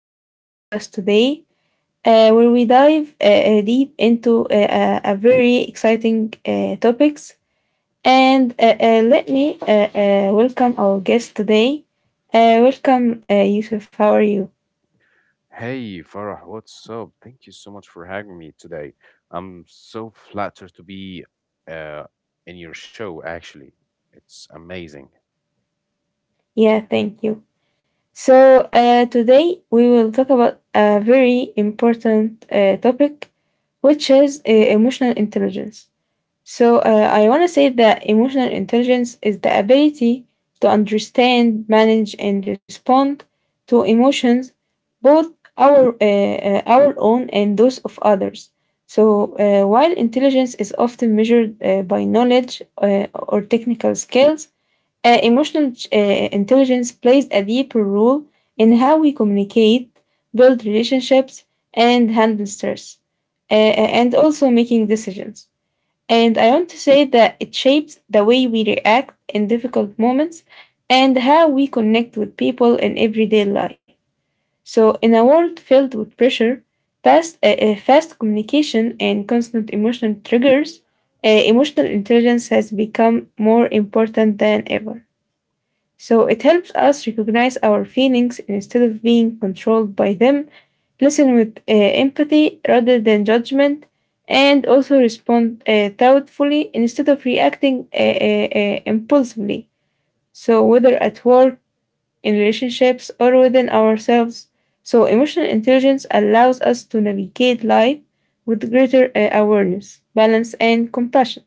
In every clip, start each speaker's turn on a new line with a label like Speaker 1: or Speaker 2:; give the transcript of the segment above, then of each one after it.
Speaker 1: podcast today, where we dive deep into a very exciting topics. And Let me welcome our guest today. Welcome, Yusuf. How are you?
Speaker 2: Hey Farah, what's up? Thank you so much for having me today. I'm so flattered to be uh, in your show, actually. It's amazing.
Speaker 1: Yeah, thank you. So today we will talk about a very important topic, which is emotional intelligence. So I want to say that emotional intelligence is the ability to understand, manage, and respond to emotions, both our own and those of others. So while intelligence is often measured by knowledge or technical skills, emotional intelligence plays a deeper role in how we communicate, build relationships, and handle stress, and also making decisions. And I want to say that it shapes the way we react in difficult moments and how we connect with people in everyday life. So, in a world filled with pressure, fast communication, and constant emotional triggers, emotional intelligence has become more important than ever. So it helps us recognize our feelings instead of being controlled by them, listen with empathy rather than judgment, and also respond thoughtfully instead of reacting impulsively. So, whether at work, in relationships, or within ourselves, so emotional intelligence allows us to navigate life with greater awareness, balance, and compassion.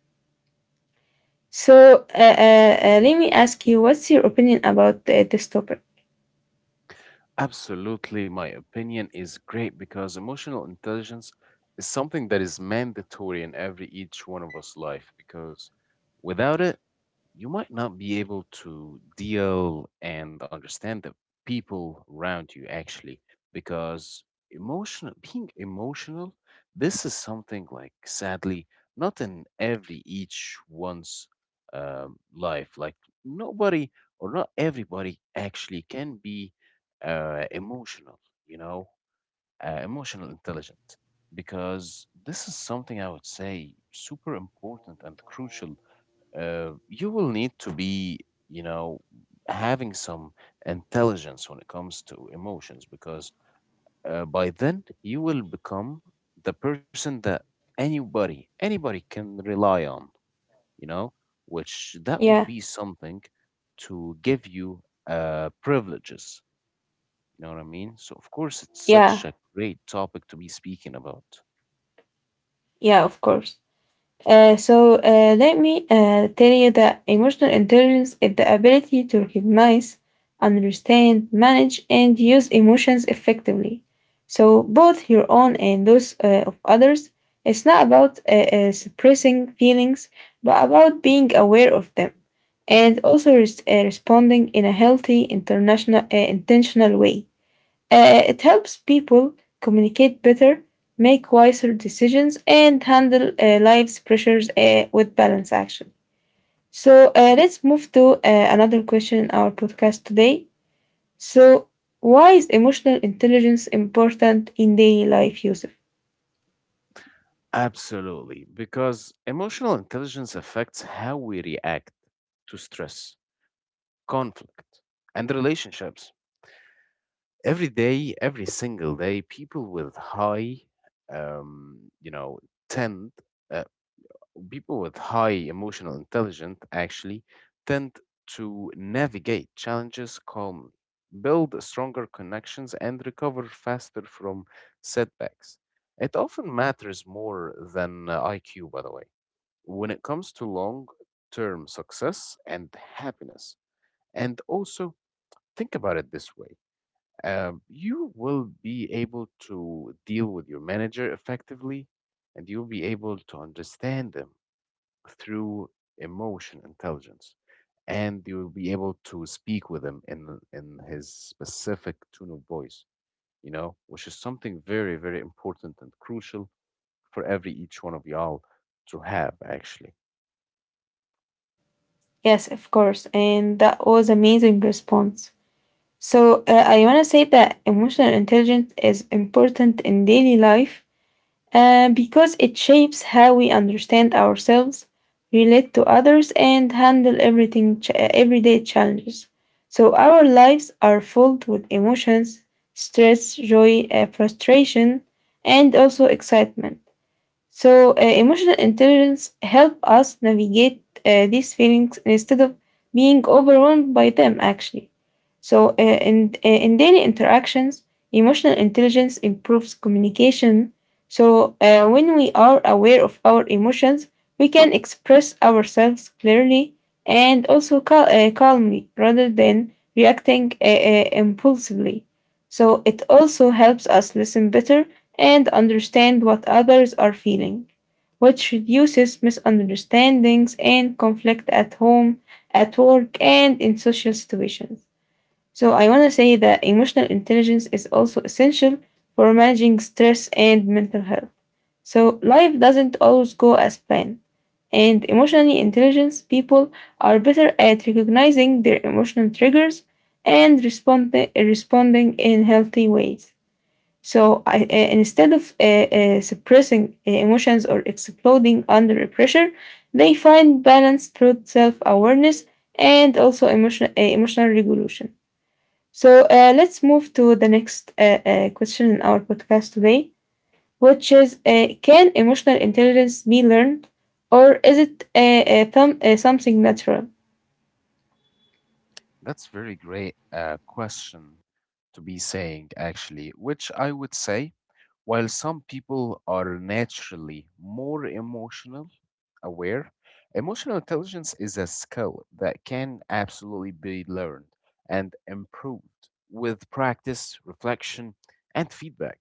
Speaker 1: So, let me ask you, what's your opinion about this topic?
Speaker 2: Absolutely, my opinion is great because emotional intelligence is something that is mandatory in every each one of us life because without it, you might not be able to deal and understand the people around you actually because emotional being emotional, this is something like sadly not in every each one's life, like nobody or not everybody actually can be emotional, you know, emotional intelligent, because this is something I would say super important and crucial. You will need to be, you know, having some intelligence when it comes to emotions, because by then you will become the person that anybody can rely on, you know, which that would
Speaker 1: Yeah.
Speaker 2: be something to give you privileges. You know what I mean? So of course it's
Speaker 1: Yeah,
Speaker 2: such a great topic to be speaking about.
Speaker 1: yeah, of course. So let me tell you that emotional intelligence is the ability to recognize, understand, manage, and use emotions effectively. So both your own and those of others. It's not about suppressing feelings, but about being aware of them and also responding in a healthy, international, intentional way. It helps people communicate better, make wiser decisions, and handle life's pressures with balance, actually. So, let's move to another question in our podcast today. So, why is emotional intelligence important in daily life, Yusuf?
Speaker 2: Absolutely, because emotional intelligence affects how we react to stress, conflict, and relationships. Every day, every single day, people with high, you know, tend, uh, people with high emotional intelligence actually tend to navigate challenges calmly, build stronger connections, and recover faster from setbacks. It often matters more than IQ, by the way, when it comes to long term success and happiness, and also think about it this way. You will be able to deal with your manager effectively, and you'll be able to understand them through emotion intelligence, and you'll be able to speak with him in his specific tone of voice, you know, which is something very very important and crucial for every each one of y'all to have actually.
Speaker 1: Yes, of course. And that was amazing response. So, I want to say that emotional intelligence is important in daily life because it shapes how we understand ourselves, relate to others, and handle everyday challenges. So our lives are filled with emotions, stress, joy, frustration, and also excitement. So emotional intelligence help us navigate these feelings instead of being overwhelmed by them actually. So in daily interactions, emotional intelligence improves communication. So when we are aware of our emotions, we can express ourselves clearly and also calmly rather than reacting impulsively. So it also helps us listen better and understand what others are feeling, which reduces misunderstandings and conflict at home, at work, and in social situations. So, I want to say that emotional intelligence is also essential for managing stress and mental health. So, life doesn't always go as planned, and emotionally intelligent people are better at recognizing their emotional triggers and responding in healthy ways. Instead of suppressing emotions or exploding under pressure, they find balance through self awareness and also emotional regulation. So let's move to the next question in our podcast today, which is can emotional intelligence be learned or is it something natural?
Speaker 2: That's very great question to be saying actually, which I would say, while some people are naturally more emotional aware, emotional intelligence is a skill that can absolutely be learned and improved with practice, reflection, and feedback.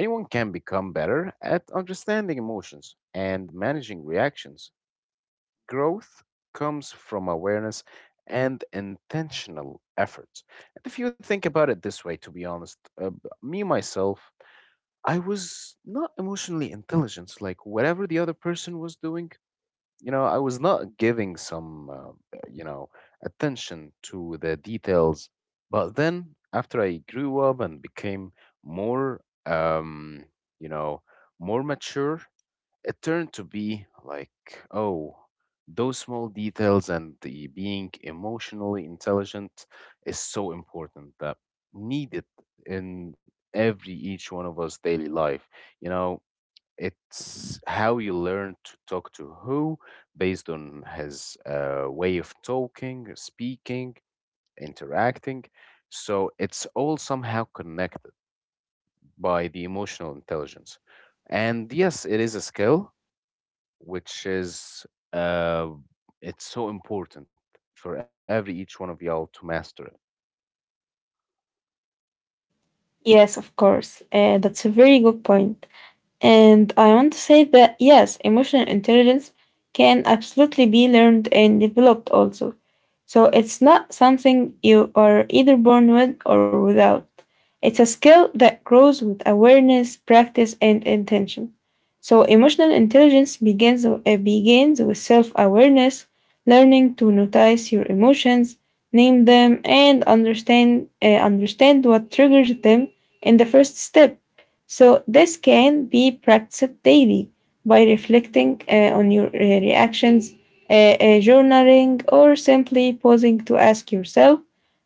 Speaker 2: Anyone can become better at understanding emotions and managing reactions. Growth comes from awareness and intentional effort. And if you think about it this way, to be honest, me myself, I was not emotionally intelligent. Like whatever the other person was doing, you know, I was not giving some, you know, attention to the details. But then after I grew up and became more, you know, more mature, it turned to be like, oh, those small details and the being emotionally intelligent is so important, that needed in every each one of us daily life. You know, it's how you learn to talk to who based on his way of talking, speaking, interacting. So it's all somehow connected by the emotional intelligence. And yes, it is a skill, which is uh, it's so important for every each one of y'all to master it.
Speaker 1: Yes, of course. That's a very good point. And I want to say that yes, emotional intelligence can absolutely be learned and developed also. So it's not something you are either born with or without. It's a skill that grows with awareness, practice, and intention. So emotional intelligence begins with self-awareness, learning to notice your emotions, name them, and understand what triggers them in the first step. So this can be practiced daily by reflecting on your reactions, journaling, or simply pausing to ask yourself,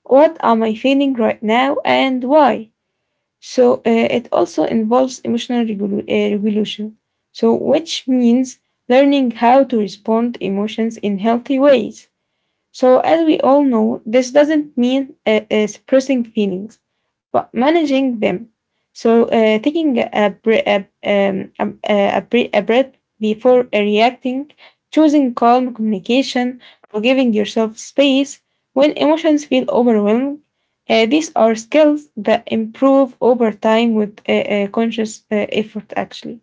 Speaker 1: "What am I feeling right now, and why?" So it also involves regulation. So which means learning how to respond emotions in healthy ways. So, as we all know, this doesn't mean suppressing feelings, but managing them. So, taking a, bre- um, a, bre- a breath before reacting, choosing calm communication, or giving yourself space when emotions feel overwhelmed. These are skills that improve over time with conscious effort, actually.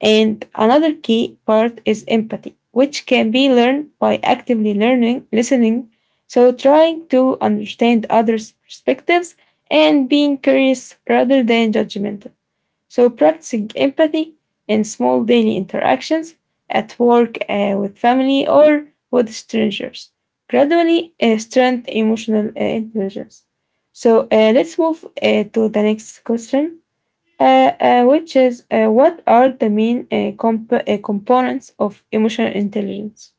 Speaker 1: And another key part is empathy, which can be learned by actively learning, listening. So, trying to understand others' perspectives and being curious rather than judgmental. So, practicing empathy in small daily interactions at work, with family, or with strangers gradually strengthen emotional intelligence. So, let's move to the next question uh, which is what are the main components of emotional intelligence?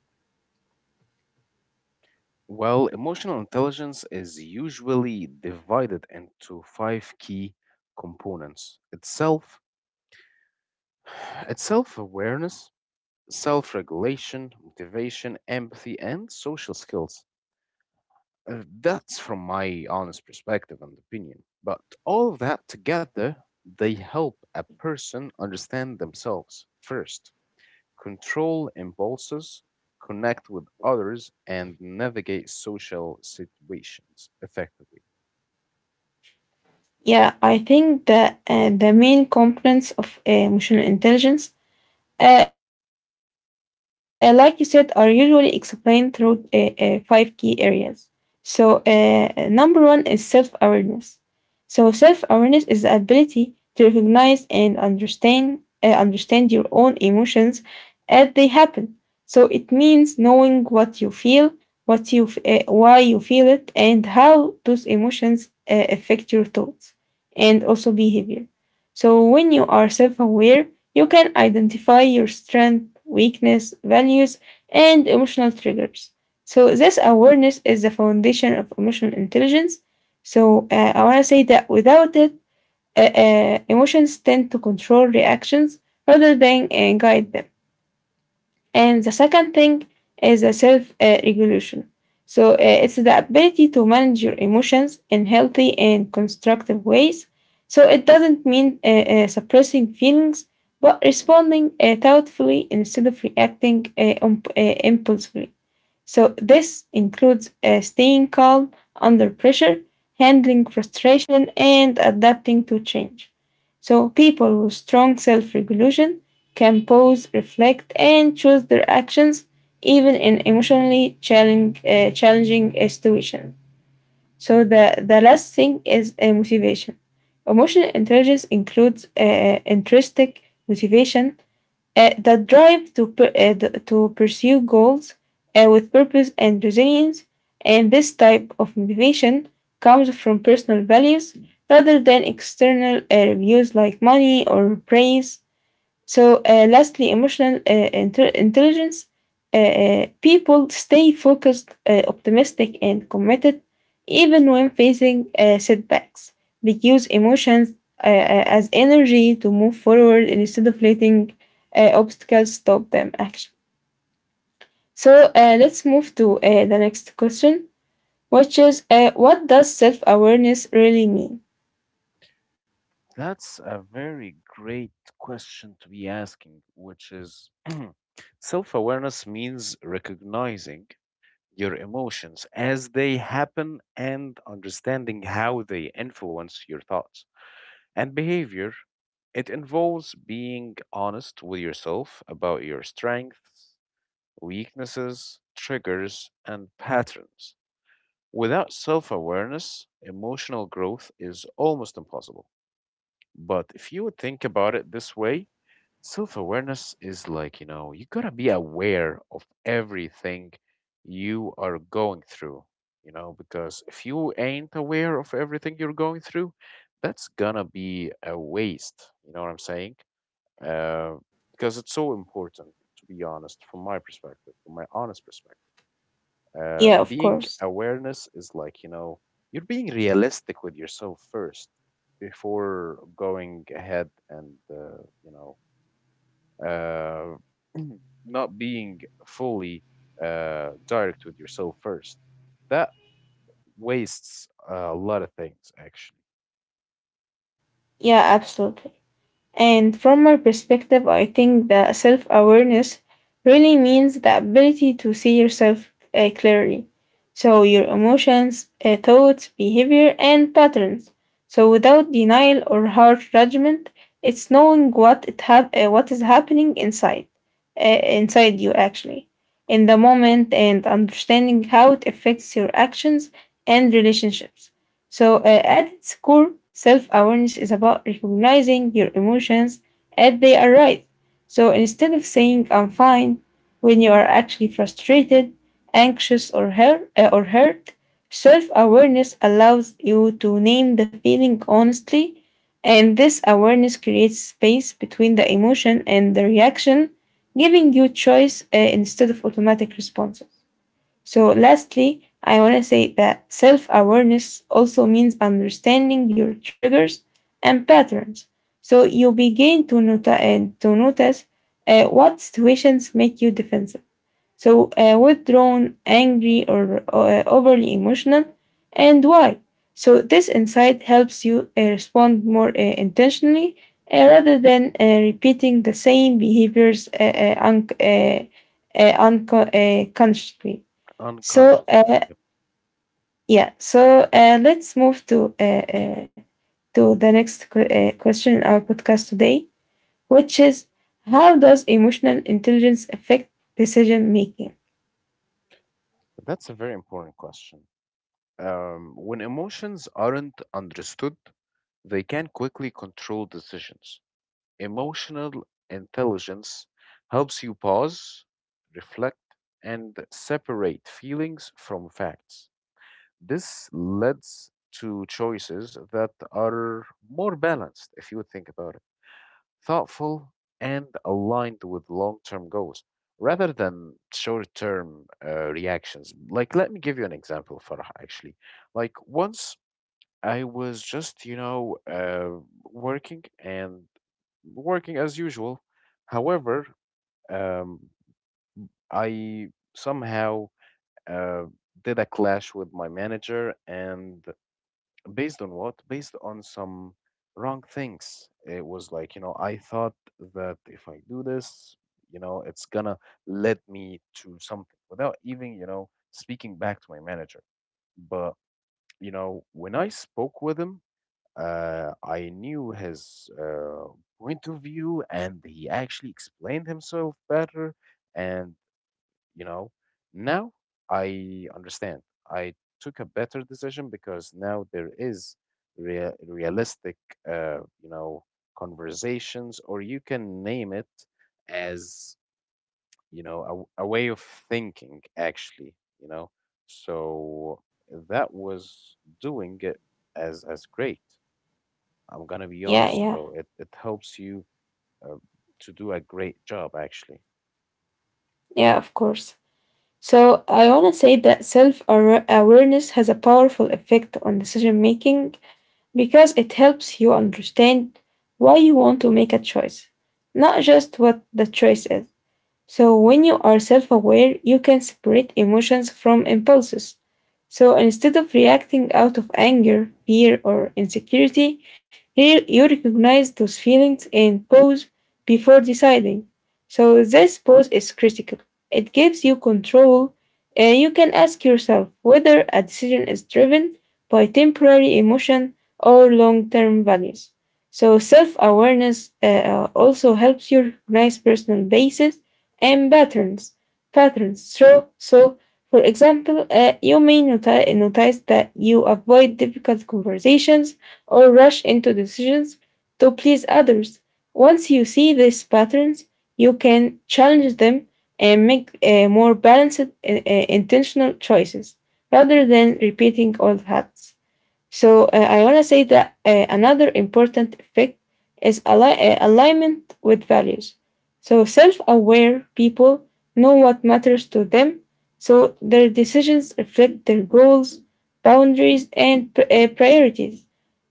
Speaker 2: Well, emotional intelligence is usually divided into five key components: itself, it's self-awareness, self-regulation, motivation, empathy, and social skills. That's from my honest perspective and opinion. But all of that together, they help a person understand themselves first, control impulses, connect with others, and navigate social situations effectively.
Speaker 1: Yeah, I think that the main components of emotional intelligence, like you said, are usually explained through five key areas. So, number one is self awareness. So self awareness is the ability to recognize and understand your own emotions as they happen. So it means knowing what you feel, what you f- why you feel it, and how those emotions affect your thoughts and also behavior. So when you are self-aware, you can identify your strength, weakness, values, and emotional triggers. So this awareness is the foundation of emotional intelligence so I want to say that without it, emotions tend to control reactions rather than guide them. And the second thing is a self regulation. So it's the ability to manage your emotions in healthy and constructive ways. So it doesn't mean suppressing feelings, but responding thoughtfully instead of reacting impulsively. So, this includes staying calm under pressure, handling frustration, and adapting to change. So, people with strong self regulation can pause, reflect, and choose their actions even in challenging situations. So, the last thing is motivation. Emotional intelligence includes intrinsic motivation that drive to pursue goals with purpose and resilience, and this type of motivation comes from personal values rather than external reviews like money or praise. So, lastly, intelligence. People stay focused, optimistic, and committed even when facing setbacks. They use emotions as energy to move forward instead of letting obstacles stop them actually. So, let's move to the next question, which is what does self awareness really mean?
Speaker 2: That's a very great question to be asking, which is self awareness means recognizing your emotions as they happen and understanding how they influence your thoughts and behavior. It involves being honest with yourself about your strengths, weaknesses, triggers, and patterns. Without self awareness, emotional growth is almost impossible. But if you would think about it this way, self awareness is like, you know, you gotta be aware of everything you are going through, you know, because if you ain't aware of everything you're going through, that's gonna be a waste. You know what I'm saying? Uh, because it's so important, to be honest, from my perspective, from my honest perspective.
Speaker 1: Yeah, of
Speaker 2: Being
Speaker 1: course.
Speaker 2: awareness is like, you know, you're being realistic with yourself first before going ahead and, you know, uh, not being fully direct with yourself first. That wastes a lot of things, actually,
Speaker 1: Yeah, absolutely. And from my perspective, I think that self awareness really means the ability to see yourself clearly. So, your emotions, thoughts, behavior, and patterns. So, without denial or harsh judgment, it's knowing what is happening inside inside you actually in the moment and understanding how it affects your actions and relationships. So, at its core, self awareness is about recognizing your emotions as they arise. So, instead of saying, I'm fine, when you are actually frustrated, anxious, or hurt, self awareness allows you to name the feeling honestly. And this awareness creates space between the emotion and the reaction giving you choice instead of automatic responses. So, lastly, I want to say that self awareness also means understanding your triggers and patterns. So, you begin to notice what situations make you defensive. So, withdrawn, angry, or overly emotional, and why? So, this insight helps you respond more intentionally rather than repeating the same behaviors consciously. So,
Speaker 2: unconsciously. Yep.
Speaker 1: yeah, so let's move to the next question in our podcast today, which is how does emotional intelligence affect decision making?
Speaker 2: That's a very important question. When emotions aren't understood, they can quickly control decisions. Emotional intelligence helps you pause, reflect, and separate feelings from facts. This leads to choices that are more balanced, if you think about it, thoughtful, and aligned with long term goals rather than short term reactions. Like, let me give you an example, Farah, actually. Like, once I was just, you know, working and working as usual. However, um, I somehow uh, did a clash with my manager, and based on what? Based on some wrong things. It was like, you know, I thought that if I do this, you know, it's gonna lead me to something without even, you know, speaking back to my manager. But, you know, when I spoke with him, I knew his point of view, and he actually explained himself better. And, you know, now I understand. I took a better decision because now there is realistic, you know, conversations, or you can name it as, you know, a way of thinking, actually, you know. So that was doing it as great. I'm gonna be
Speaker 1: Yeah,
Speaker 2: honest.
Speaker 1: yeah.
Speaker 2: So it helps you uh, to do a great job, actually.
Speaker 1: Yeah, of course. So I want to say that self awareness has a powerful effect on decision making because it helps you understand why you want to make a choice, not just what the choice is. So when you are self aware, you can separate emotions from impulses. So instead of reacting out of anger, fear, or insecurity, here you recognize those feelings and pause before deciding. So this pause is critical. It gives you control, and you can ask yourself whether a decision is driven by temporary emotion or long term values. So self awareness also helps you recognize personal bases and patterns. So for example, you may noti- notice that you avoid difficult conversations or rush into decisions to please others. Once you see these patterns, you can challenge them and make more balanced, intentional choices rather than repeating old habits. So I want to say that another important effect is alignment with values. So self-aware people know what matters to them, so their decisions reflect their goals, boundaries, and priorities.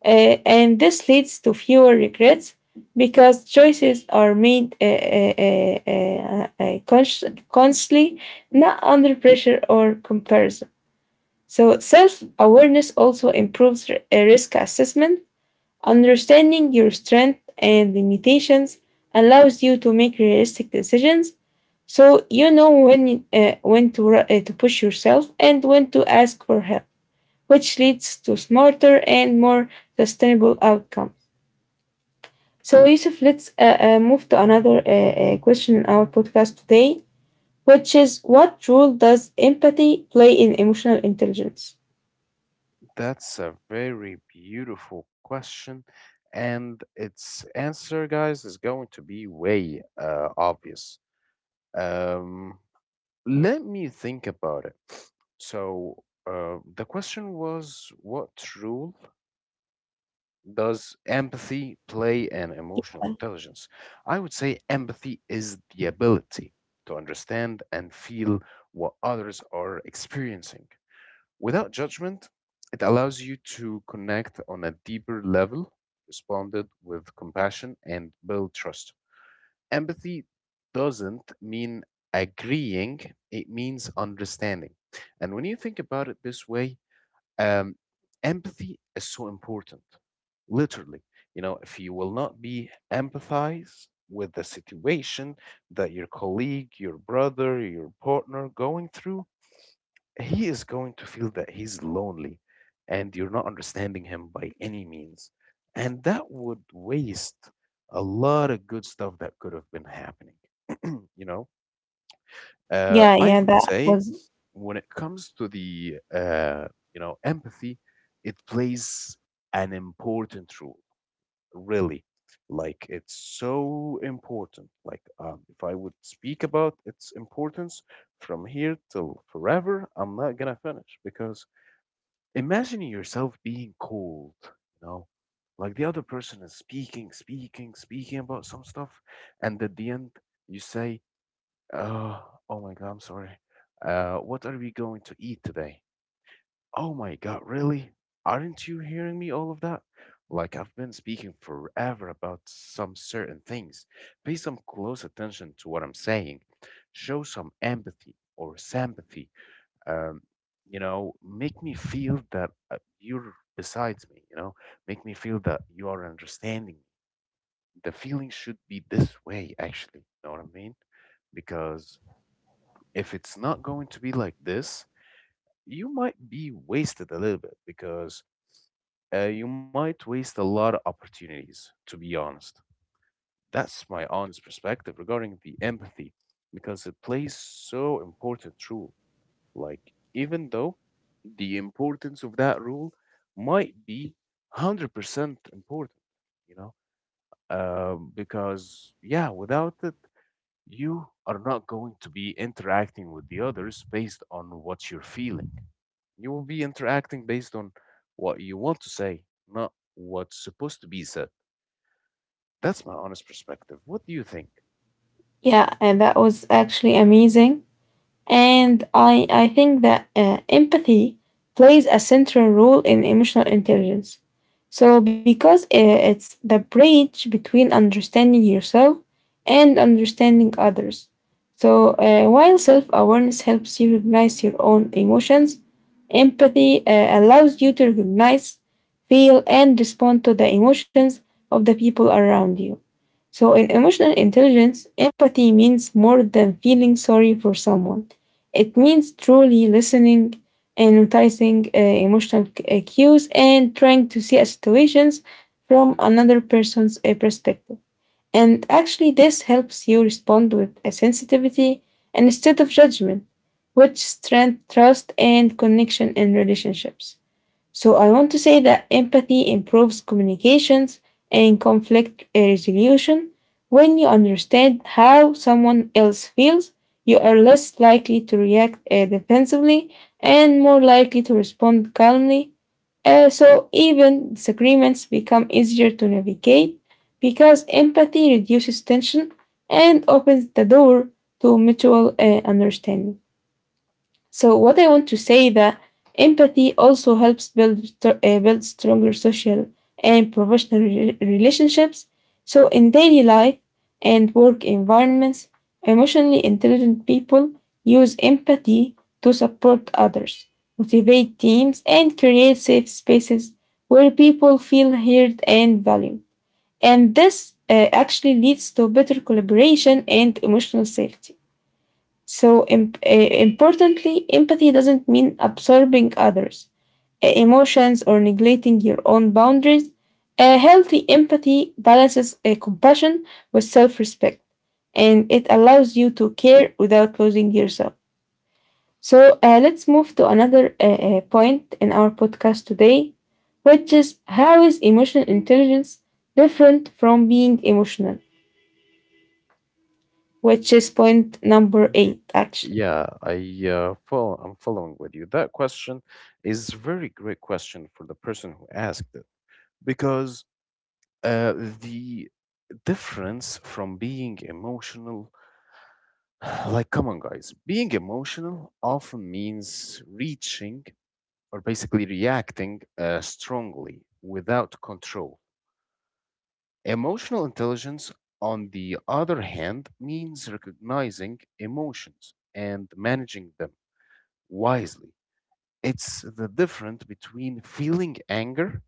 Speaker 1: And this leads to fewer regrets because choices are made consciously, not under pressure or comparison. So, self awareness also improves risk assessment. Understanding your strengths and limitations allows you to make realistic decisions. So, you know when to, to push yourself and when to ask for help, which leads to smarter and more sustainable outcomes. So, Yusuf, let's move to another question in our podcast today, which is what role does empathy play in emotional intelligence?
Speaker 2: That's a very beautiful question. And its answer, guys, is going to be way obvious. Um, Let me think about it. So the question was, what rule does empathy play an emotional intelligence? I would say empathy is the ability to understand and feel what others are experiencing. Without judgment, it allows you to connect on a deeper level, responded with compassion, and build trust. Empathy doesn't mean agreeing, it means understanding. And when you think about it this way, um, empathy is so important, literally. You know, if you will not be empathize with the situation that your colleague, your brother, your partner going through, he is going to feel that he's lonely and you're not understanding him by any means. And that would waste a lot of good stuff that could have been happening. You know,
Speaker 1: Yeah,
Speaker 2: I
Speaker 1: yeah,
Speaker 2: would
Speaker 1: that
Speaker 2: say,
Speaker 1: was
Speaker 2: when it comes to the you know, empathy, it plays an important role, really. Like it's so important. Like, if I would speak about its importance from here till forever, I'm not gonna finish because imagine yourself being cold, you know, like the other person is speaking, speaking, speaking about some stuff, and at the end you say, "Oh, oh my God, I'm sorry." What are we going to eat today? Oh my God, really? Aren't you hearing me all of that? Like I've been speaking forever about some certain things. Pay some close attention to what I'm saying. Show some empathy or sympathy. Um, you know, make me feel that you're besides me, you know, make me feel that you are understanding me. The feeling should be this way, actually. You know what I mean? Because if it's not going to be like this, you might be wasted a little bit because you might waste a lot of opportunities, to be honest. That's my honest perspective regarding the empathy, because it plays so important role. Like, even though the importance of that rule might be 100% important, you know, because, yeah, without it, you are not going to be interacting with the others based on what you're feeling. You will be interacting based on what you want to say, not what's supposed to be said. That's my honest perspective. What do you think?
Speaker 1: Yeah, and that was actually amazing. And I think that empathy plays a central role in emotional intelligence. Because it's the bridge between understanding yourself and understanding others. So, while self awareness helps you recognize your own emotions, empathy allows you to recognize, feel, and respond to the emotions of the people around you. So, in emotional intelligence, empathy means more than feeling sorry for someone. It means truly listening and noticing emotional cues and trying to see a situations from another person's perspective. And actually, this helps you respond with a sensitivity and instead of judgment, which strength trust and connection in relationships. So I want to say that empathy improves communications and conflict resolution. When you understand how someone else feels, you are less likely to react defensively and more likely to respond calmly. So even disagreements become easier to navigate because empathy reduces tension and opens the door to mutual understanding. So what I want to say that empathy also helps build stronger social and professional relationships. So in daily life and work environments, emotionally intelligent people use empathy to support others, motivate teams, and create safe spaces where people feel heard and valued. And this actually leads to better collaboration and emotional safety. So, importantly, empathy doesn't mean absorbing others' emotions or neglecting your own boundaries. A healthy empathy balances compassion with self respect and it allows you to care without losing yourself. So, let's move to another point in our podcast today, which is how is emotional intelligence different from being emotional? Which is point number
Speaker 2: Hmm.
Speaker 1: eight, actually.
Speaker 2: Yeah, I follow, I'm following with you. That question is very great question for the person who asked it because uh, the difference from being emotional, like come on guys, being emotional often means reaching or basically reacting strongly without control. Emotional intelligence, on the other hand, means recognizing emotions and managing them wisely. It's the difference between feeling anger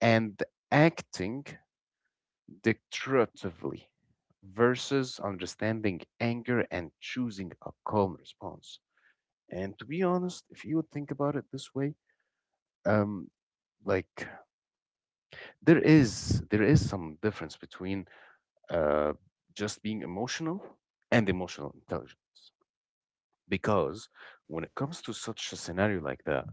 Speaker 2: and acting dictatively versus understanding anger and choosing a calm response. And to be honest, if you would think about it this way, um, like there is some difference between uh, just being emotional and emotional intelligence. Because when it comes to such a scenario like that,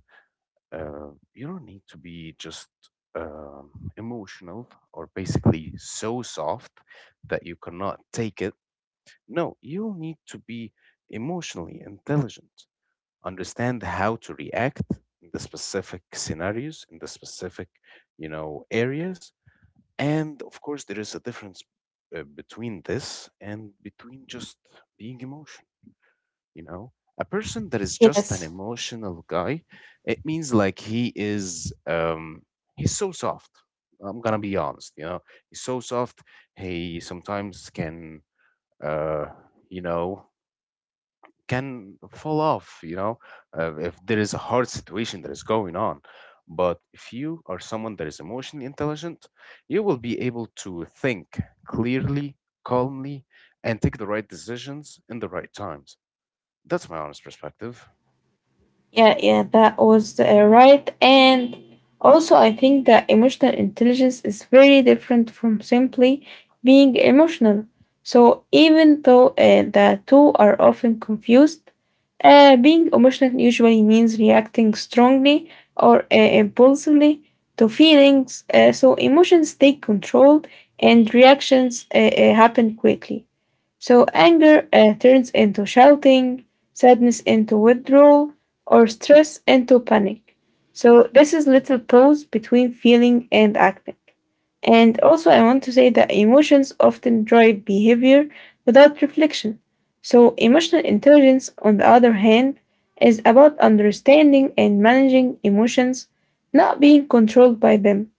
Speaker 2: you don't need to be just um, emotional or basically so soft that you cannot take it. No, you need to be emotionally intelligent, understand how to react in the specific scenarios, in the specific, you know, areas, and of course, there is a difference between this and between just being emotion, you know? A person that is just an
Speaker 1: Yes.
Speaker 2: emotional guy, it means like he's so soft. I'm gonna be honest, you know. He's so soft. He sometimes can uh you know can fall off, you know, if there is a hard situation that is going on. But if you are someone that is emotionally intelligent, you will be able to think clearly, calmly, and take the right decisions in the right times. That's my honest perspective.
Speaker 1: Yeah, yeah, that was right. And also, I think that emotional intelligence is very different from simply being emotional. So, even though the two are often confused, being emotional usually means reacting strongly or impulsively to feelings. So emotions take control and reactions happen quickly. So anger turns into shouting, sadness into withdrawal, or stress into panic. So this is little pause between feeling and acting. And also, I want to say that emotions often drive behavior without reflection. So, emotional intelligence, on the other hand, is about understanding and managing emotions, not being controlled by them.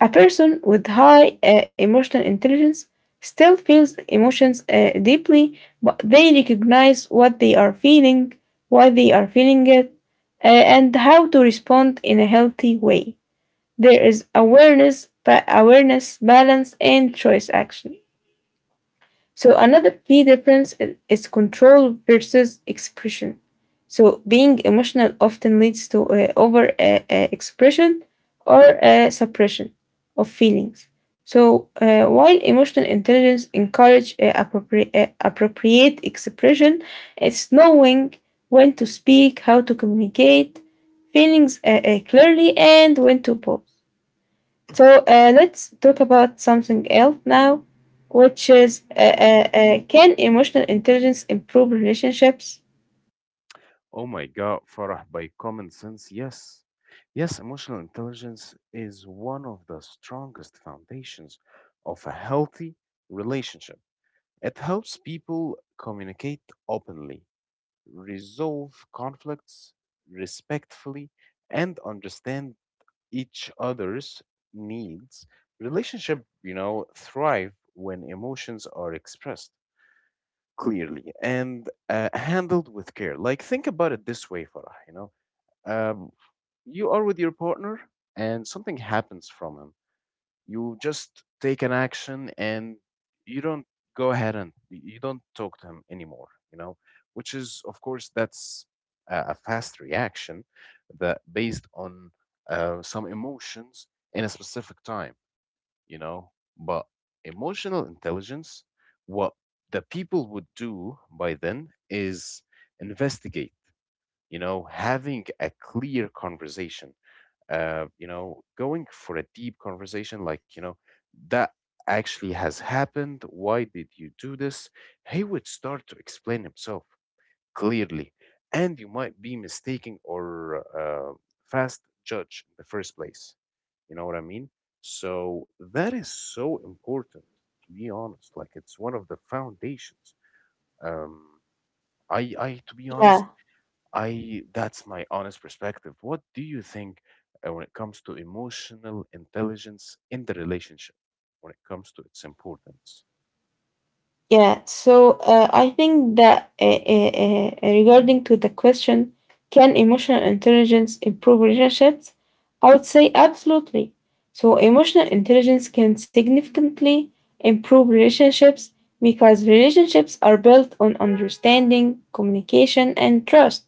Speaker 1: A person with high emotional intelligence still feels emotions deeply, but they recognize what they are feeling, why they are feeling it, and how to respond in a healthy way. There is awareness, balance, and choice actually. So another key difference is control versus expression. So being emotional often leads to over expression or suppression of feelings. So while emotional intelligence encourages appropriate expression, it's knowing when to speak, how to communicate feelings clearly, and when to pause. So let's talk about something else now, which is can emotional intelligence improve relationships?
Speaker 2: Oh my God, Farah, by common sense, yes. Yes, emotional intelligence is one of the strongest foundations of a healthy relationship. It helps people communicate openly, resolve conflicts respectfully, and understand each other's needs. Relationship, you know, thrive when emotions are expressed clearly and handled with care. Like think about it this way, Farah. Um, you are with your partner, and something happens from him. You just take an action and you don't go ahead and you don't talk to him anymore, which is, of course, that's a fast reaction that based on some emotions in a specific time, you know. But emotional intelligence, what the people would do by then is investigate, you know, having a clear conversation, going for a deep conversation like, you know, that actually has happened. Why did you do this? He would start to explain himself clearly, and you might be mistaken or fast judge in the first place. You know what I mean? So that is so important, to be honest. Like it's one of the foundations. Um, to be honest,
Speaker 1: Yeah,
Speaker 2: I, that's my honest perspective. What do you think when it comes to emotional intelligence in the relationship, when it comes to its importance?
Speaker 1: yeah. So I think that regarding to the question, can emotional intelligence improve relationships? I would say absolutely. So emotional intelligence can significantly improve relationships because relationships are built on understanding, communication, and trust.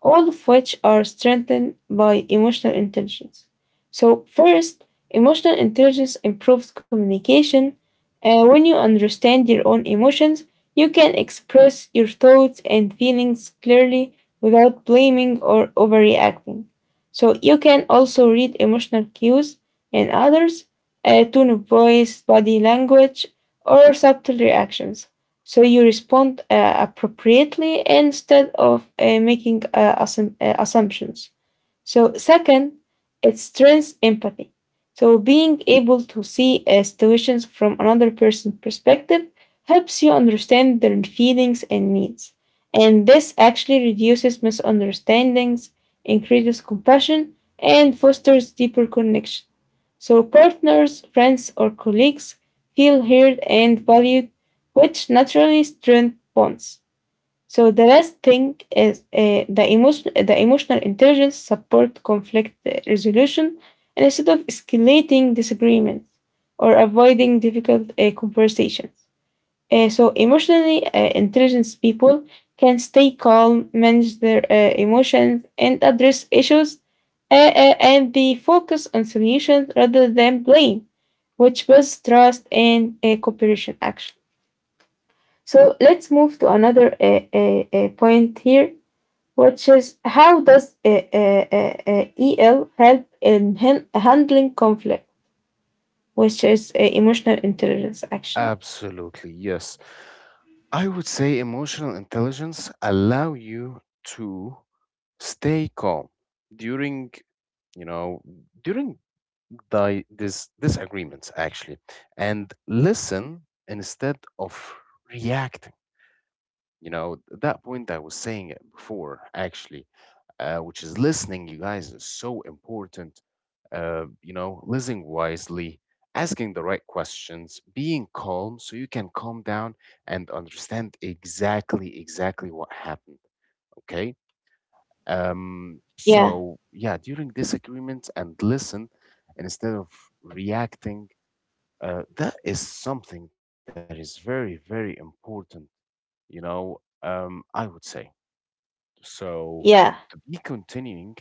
Speaker 1: All of which are strengthened by emotional intelligence. So, first, emotional intelligence improves communication. When you understand your own emotions, you can express your thoughts and feelings clearly without blaming or overreacting. So, you can also read emotional cues in others, tone of voice, body language, or subtle reactions. So you respond appropriately instead of making assumptions. So, second, it strengthens empathy. So, being able to see situations from another person's perspective helps you understand their feelings and needs. And this actually reduces misunderstandings, increases compassion, and fosters deeper connection. So partners, friends, or colleagues feel heard and valued, which naturally strengthens bonds. So the last thing is the emotional intelligence support conflict resolution and instead of escalating disagreements or avoiding difficult conversations. So emotionally intelligent people can stay calm, manage their emotions, and address issues, and they focus on solutions rather than blame, which builds trust and cooperation action. So, let's move to another point here, which is how does EL help in handling conflict, which is emotional intelligence, actually?
Speaker 2: Absolutely, yes. I would say emotional intelligence allow you to stay calm during, you know, during this disagreements actually, and listen instead of reacting. You know, that point I was saying it before, actually, which is listening, you guys, is so important. You know, listening wisely, asking the right questions, being calm so you can calm down and understand exactly, exactly what happened. Okay.
Speaker 1: Yeah,
Speaker 2: So, yeah, during disagreements and listen instead of reacting, that is something that is very, very important, you know, I would say. So
Speaker 1: yeah,
Speaker 2: to be continuing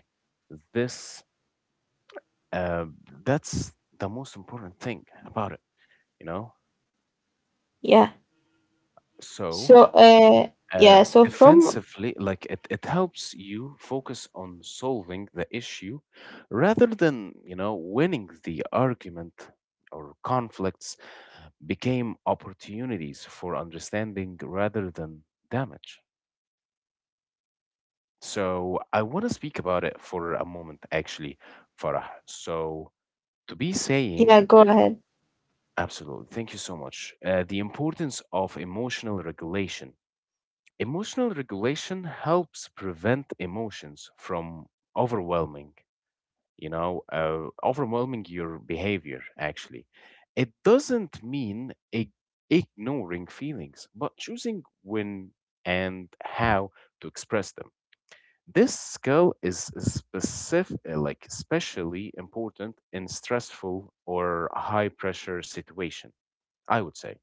Speaker 2: this, uh, that's the most important thing about it, you know?
Speaker 1: yeah.
Speaker 2: So
Speaker 1: So,
Speaker 2: uh,
Speaker 1: yeah, so from,
Speaker 2: defensively, like it helps you focus on solving the issue rather than, you know, winning the argument, or conflicts became opportunities for understanding rather than damage. So I want to speak about it for a moment, actually, Farah. So to be saying
Speaker 1: yeah, go ahead.
Speaker 2: absolutely. Thank you so much. The importance of emotional regulation. Emotional regulation helps prevent emotions from overwhelming, you know, uh, overwhelming your behavior, actually. It doesn't mean ignoring feelings, but choosing when and how to express them. This skill is specific, like especially important in stressful or high pressure situation, I would say.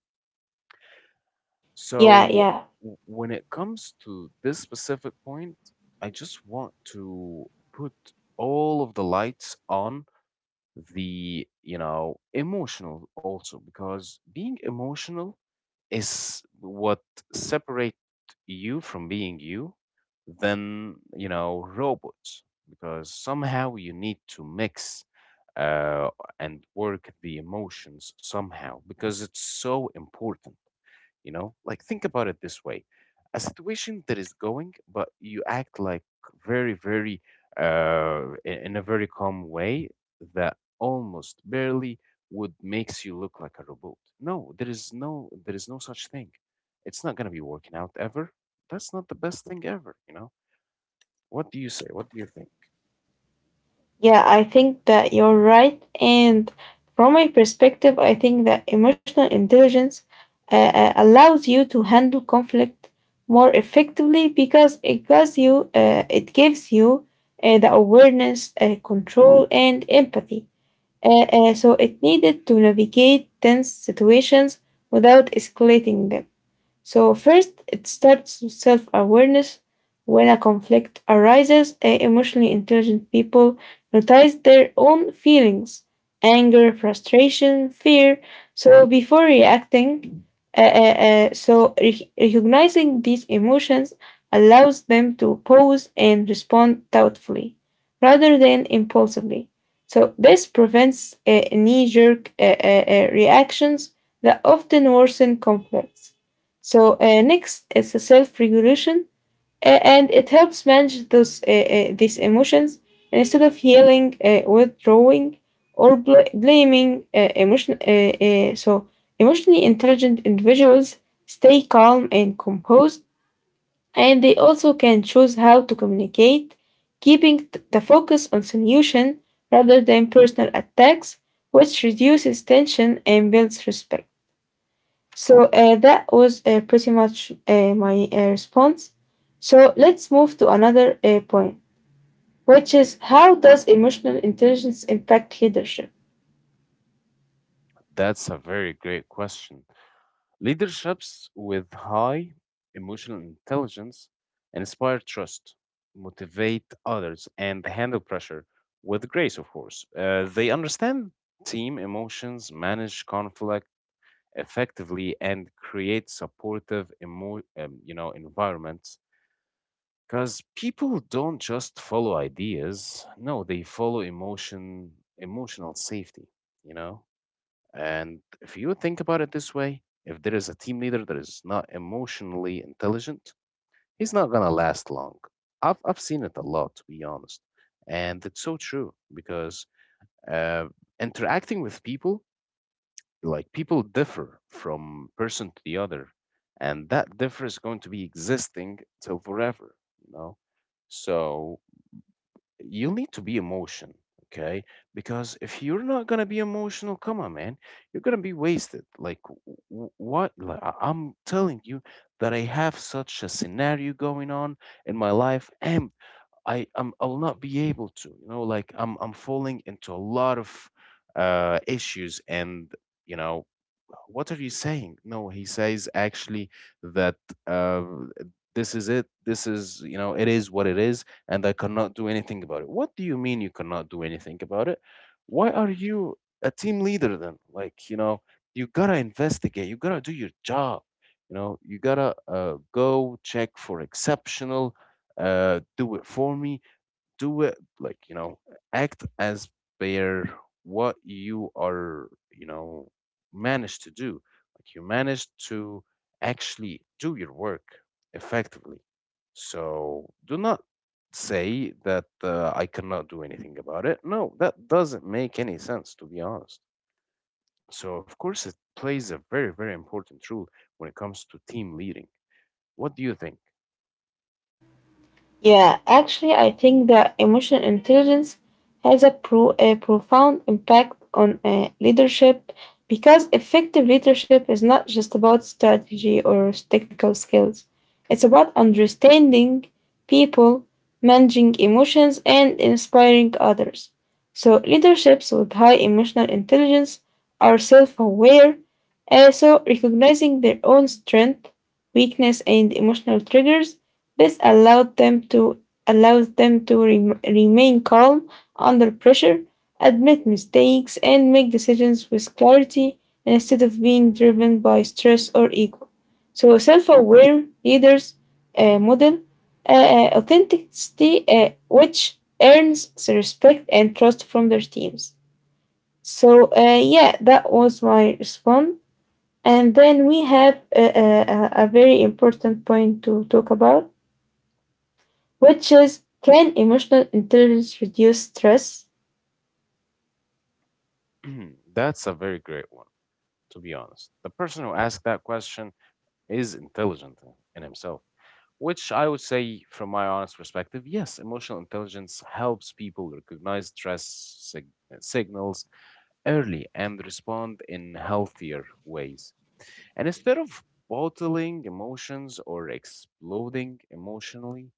Speaker 1: Yeah,
Speaker 2: So
Speaker 1: yeah,
Speaker 2: when it comes to this specific point, I just want to put all of the lights on the, you know, emotional also, because being emotional is what separate you from being you than, you know, robots, because somehow you need to mix uh, and work the emotions somehow, because it's so important, you know. Like think about it this way, a situation that is going but you act like very, very in a very calm way that almost barely would makes you look like a robot. No There is no, there is no such thing. It's not going to be working out ever. That's not the best thing ever, you know? What do you say? What do you think?
Speaker 1: yeah, I think that you're right. And from my perspective, I think that emotional intelligence allows you to handle conflict more effectively because it gives you the awareness, control, and empathy. So it needed to navigate tense situations without escalating them. So, first, it starts with self awareness. When a conflict arises, emotionally intelligent people notice their own feelings anger, frustration, fear. So, before reacting, recognizing these emotions allows them to pause and respond thoughtfully rather than impulsively. So, this prevents knee jerk reactions that often worsen conflicts. So next is self-regulation, and it helps manage those these emotions and instead of yelling, withdrawing, or blaming. So emotionally intelligent individuals stay calm and composed, and they also can choose how to communicate, keeping the focus on solution rather than personal attacks, which reduces tension and builds respect. So that was pretty much my response. So let's move to another point, which is how does emotional intelligence impact leadership?
Speaker 2: That's a very great question. Leaderships with high emotional intelligence inspire trust, motivate others, and handle pressure with grace, of course. They understand team emotions, manage conflict effectively, and create supportive you know, environments. Because people don't just follow ideas, no, they follow emotion, emotional safety, you know? And if you think about it this way, if there is a team leader that is not emotionally intelligent, he's not gonna last long. I've seen it a lot, to be honest, and it's so true because uh, interacting with people, like people differ from person to the other, and that differ is going to be existing till forever, you know. So you need to be emotion. Okay, because if you're not gonna be emotional, come on man, you're gonna be wasted, like what, like, I'm telling you that I have such a scenario going on in my life. And I'll not be able to. You know, like I'm falling into a lot of issues, and you know, what are you saying? No, he says actually that uh, this is it. This is, you know, it is what it is, and I cannot do anything about it. What do you mean you cannot do anything about it? Why are you a team leader then? Like, you know, you gotta investigate. You gotta do your job. You know, you gotta go check for exceptional, do it for me, do it, like, you know, act as per what you are, you know, managed to do. Like you managed to actually do your work effectively. So do not say that I cannot do anything about it. No, that doesn't make any sense, to be honest. So, of course, it plays a very, very important role when it comes to team leading. What do you think?
Speaker 1: Yeah, actually, I think that emotional intelligence has a profound impact on leadership because effective leadership is not just about strategy or technical skills, it's about understanding people, managing emotions, and inspiring others. So, leaderships with high emotional intelligence are self aware, also recognizing their own strength, weakness, and emotional triggers. This allowed them to allows them to remain calm under pressure, admit mistakes, and make decisions with clarity instead of being driven by stress or ego. So, self-aware leaders model authenticity, which earns the respect and trust from their teams. So, yeah, that was my response. And then we have a very important point to talk about which is can emotional intelligence reduce stress?
Speaker 2: That's a very great one, to be honest. The person who asked that question is intelligent in himself, which I would say, from my honest perspective, yes, emotional intelligence helps people recognize stress signals early and respond in healthier ways. And instead of bottling emotions or exploding emotionally,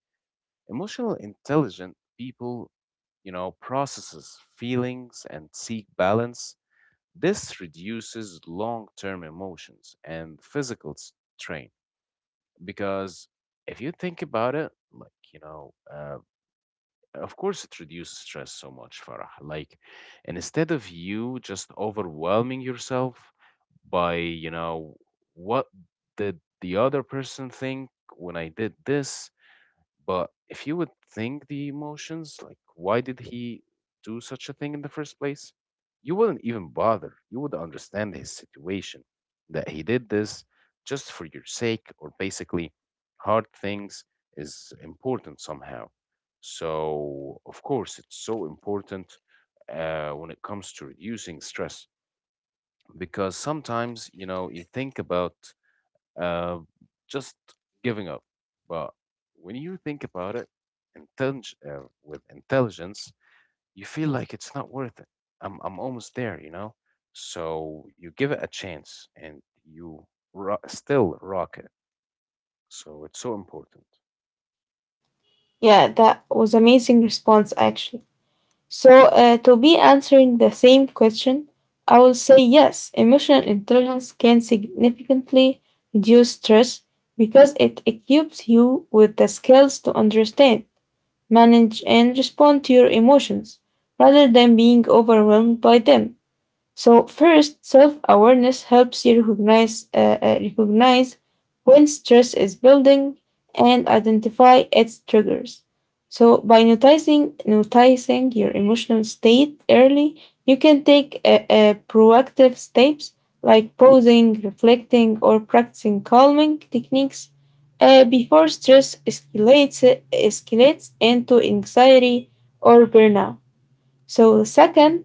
Speaker 2: emotional intelligent people, you know, processes feelings and seek balance. This reduces long term emotions and physical strain, because if you think about it, like, you know, of course it reduces stress so much, Farah. Like, and instead of you just overwhelming yourself by, you know, what did the other person think when I did this? But if you would think the emotions, like why did he do such a thing in the first place? You wouldn't even bother. You would understand his situation, that he did this just for your sake, or basically, hard things is important somehow. So, of course, it's so important when it comes to reducing stress, because sometimes, you know, you think about uh, just giving up. But when you think about it, with intelligence, you feel like it's not worth it. I'm almost there, you know? So you give it a chance and you still rock it. So it's so important.
Speaker 1: Yeah, that was amazing response actually. So to be answering the same question, I will say yes, emotional intelligence can significantly reduce stress because it equips you with the skills to understand, manage, and respond to your emotions rather than being overwhelmed by them. So first, self-awareness helps you recognize when stress is building and identify its triggers. So by noticing your emotional state early, you can take proactive steps like pausing, reflecting, or practicing calming techniques before stress escalates escalates into anxiety or burnout. So second,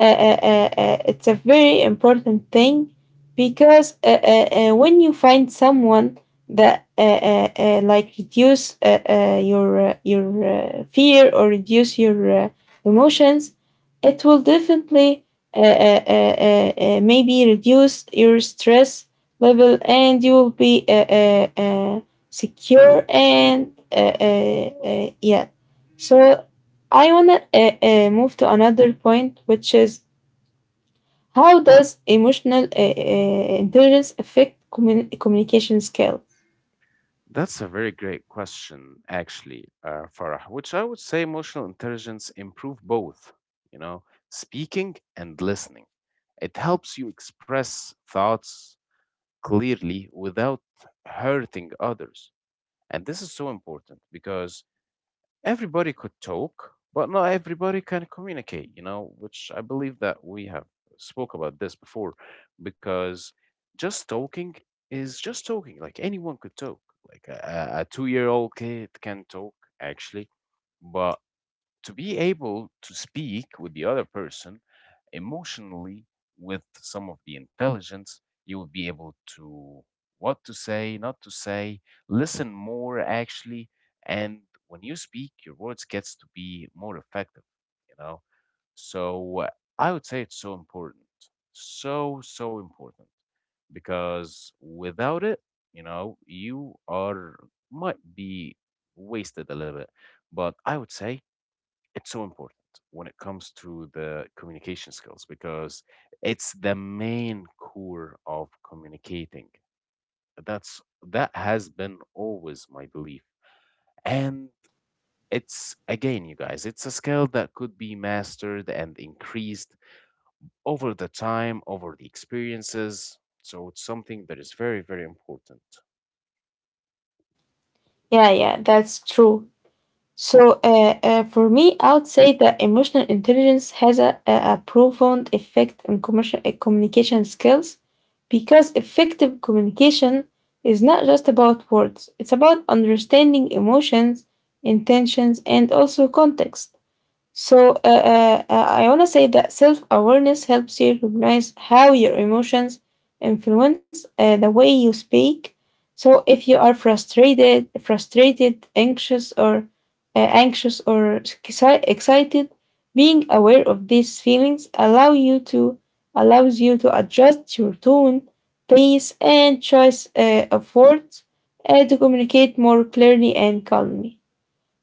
Speaker 1: it's a very important thing because when you find someone that like reduce your fear or reduce your emotions, it will definitely uh, uh, uh, uh, maybe reduce your stress level and you will be secure and yeah. So I wanna move to another point, which is how does emotional intelligence affect communication skill?
Speaker 2: That's a very great question, actually, Farah, which I would say emotional intelligence improve both, you know, speaking and listening. It helps you express thoughts, clearly without hurting others. And this is so important because everybody could talk, but not everybody can communicate, you know, which I believe that we have spoke about this before, because just talking is just talking. Like anyone could talk. Like a 2 year old kid can talk, actually. But to be able to speak with the other person emotionally with some of the intelligence, you will be able to what to say, not to say, listen more actually. And when you speak, your words gets to be more effective, you know. So I would say it's so important, so so important, because without it, you know, you are might be wasted a little bit. But I would say it's so important when it comes to the communication skills, because it's the main core of communicating. That's that has been always my belief. And it's again, you guys, it's a skill that could be mastered and increased over the time, over the experiences. So it's something that is very, very important.
Speaker 1: Yeah, yeah, that's true. So, for me, I would say that emotional intelligence has a profound effect on communication skills because effective communication is not just about words, it's about understanding emotions, intentions, and also context. So I want to say that self awareness helps you recognize how your emotions influence the way you speak. So if you are frustrated, anxious, or anxious or excited, being aware of these feelings allows you to adjust your tone, pace, and choice of words to communicate more clearly and calmly.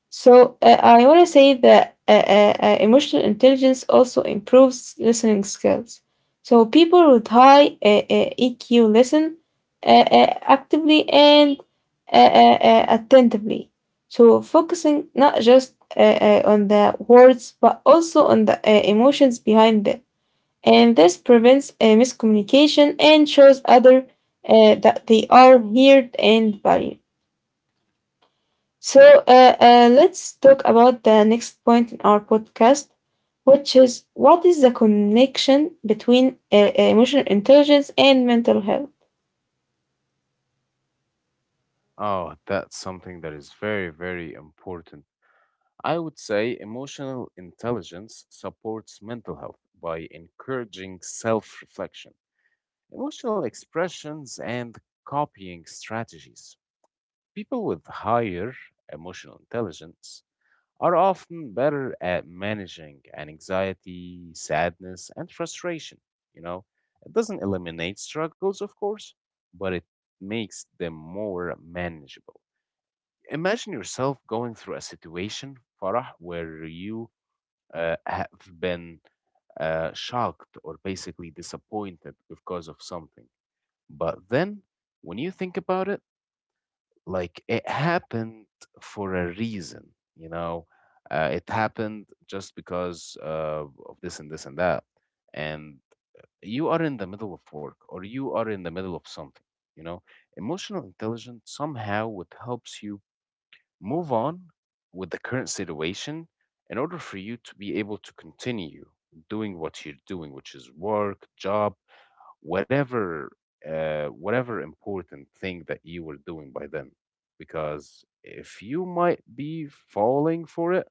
Speaker 1: So I want to say that emotional intelligence also improves listening skills. So people with high EQ listen actively and attentively. So focusing not just on the words but also on the emotions behind them. And this prevents miscommunication and shows other that they are heard and valued. So let's talk about the next point in our podcast, which is what is the connection between emotional intelligence and mental health?
Speaker 2: Oh, that's something that is very, very important. I would say emotional intelligence supports mental health by encouraging self reflection, emotional expressions, and copying strategies. People with higher emotional intelligence are often better at managing anxiety, sadness, and frustration. You know, it doesn't eliminate struggles, of course, but it makes them more manageable. Imagine yourself going through a situation, Farah, where you have been shocked or basically disappointed because of something. But then when you think about it, like it happened for a reason, you know, it happened just because of this and this and that. And you are in the middle of work, or you are in the middle of something, you know. Emotional intelligence somehow it helps you move on with the current situation in order for you to be able to continue doing what you're doing, which is work, job, whatever, whatever important thing that you were doing by then. Because if you might be falling for it,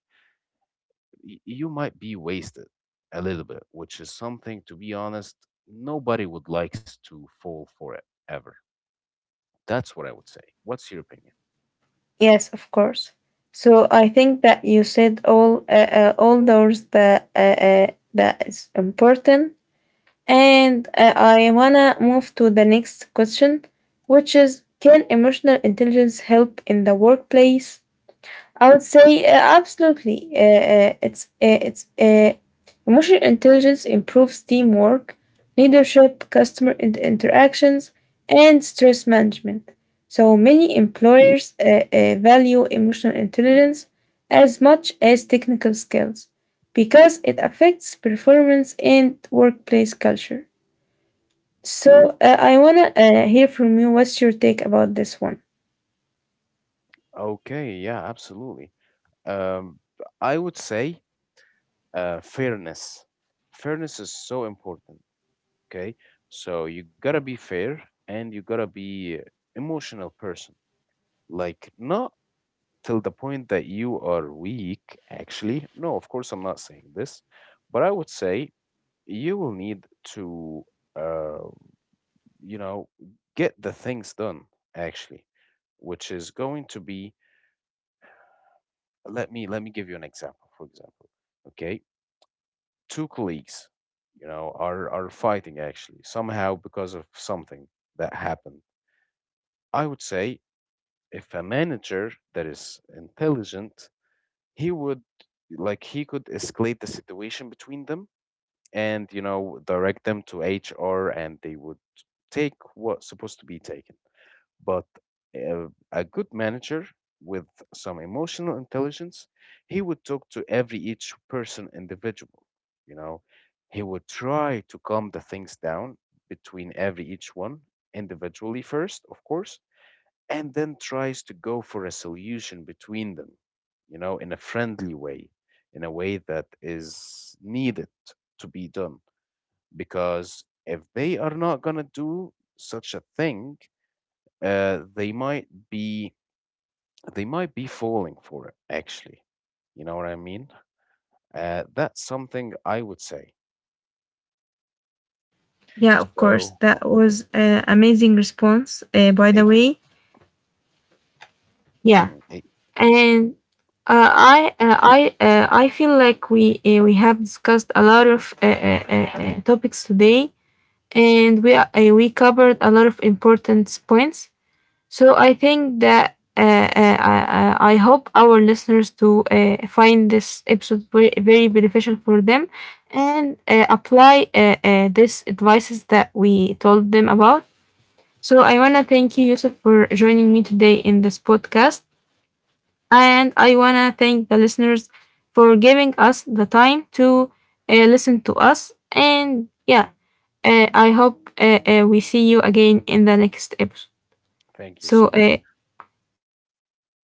Speaker 2: you might be wasted a little bit, which is something, to be honest, nobody would likes to fall for it ever. That's what I would say. What's your opinion?
Speaker 1: Yes, of course. So I think that you said all those that that is important, and I wanna move to the next question, which is can emotional intelligence help in the workplace? I would say absolutely. It's Emotional intelligence improves teamwork, leadership, customer interactions, and stress management. So many employers value emotional intelligence as much as technical skills because it affects performance and workplace culture. So I wanna hear from you. What's your take about this one?
Speaker 2: Okay, yeah, absolutely. Um, I would say fairness. Fairness is so important. Okay, so you gotta be fair and you gotta be emotional person. Like not till the point that you are weak. Actually, no. Of course, I'm not saying this, but I would say you will need to, uh, you know, get the things done. Actually, which is going to be. Let me give you an example. For example, okay, two colleagues, you know, are fighting actually somehow because of something that happened. I would say if a manager that is intelligent, he would, like he could escalate the situation between them and, you know, direct them to HR, and they would take what's supposed to be taken. But uh, a good manager with some emotional intelligence, he would talk to every each person individual. You know, he would try to calm the things down between every each one individually first, of course, and then tries to go for a solution between them. You know, in a friendly way, in a way that is needed to be done, because if they are not gonna do such a thing, they might be, they might be falling for it actually, you know what I mean. That's something I would say.
Speaker 1: Yeah, of course.
Speaker 2: So
Speaker 1: That was an amazing response, by the
Speaker 2: it,
Speaker 1: way. Yeah,
Speaker 2: mhm, it,
Speaker 1: and I feel like we have discussed a lot of topics today, and we covered a lot of important points. So I think that I hope our listeners to find this episode very, very beneficial for them and apply these advices that we told them about. So I want to thank you, Yusuf, for joining me today in this podcast. And I want to thank the listeners for giving us the time to listen to us. And yeah, I hope we see you again in the next episode.
Speaker 2: thank you
Speaker 1: So
Speaker 2: so much.
Speaker 1: yeah, bye bye.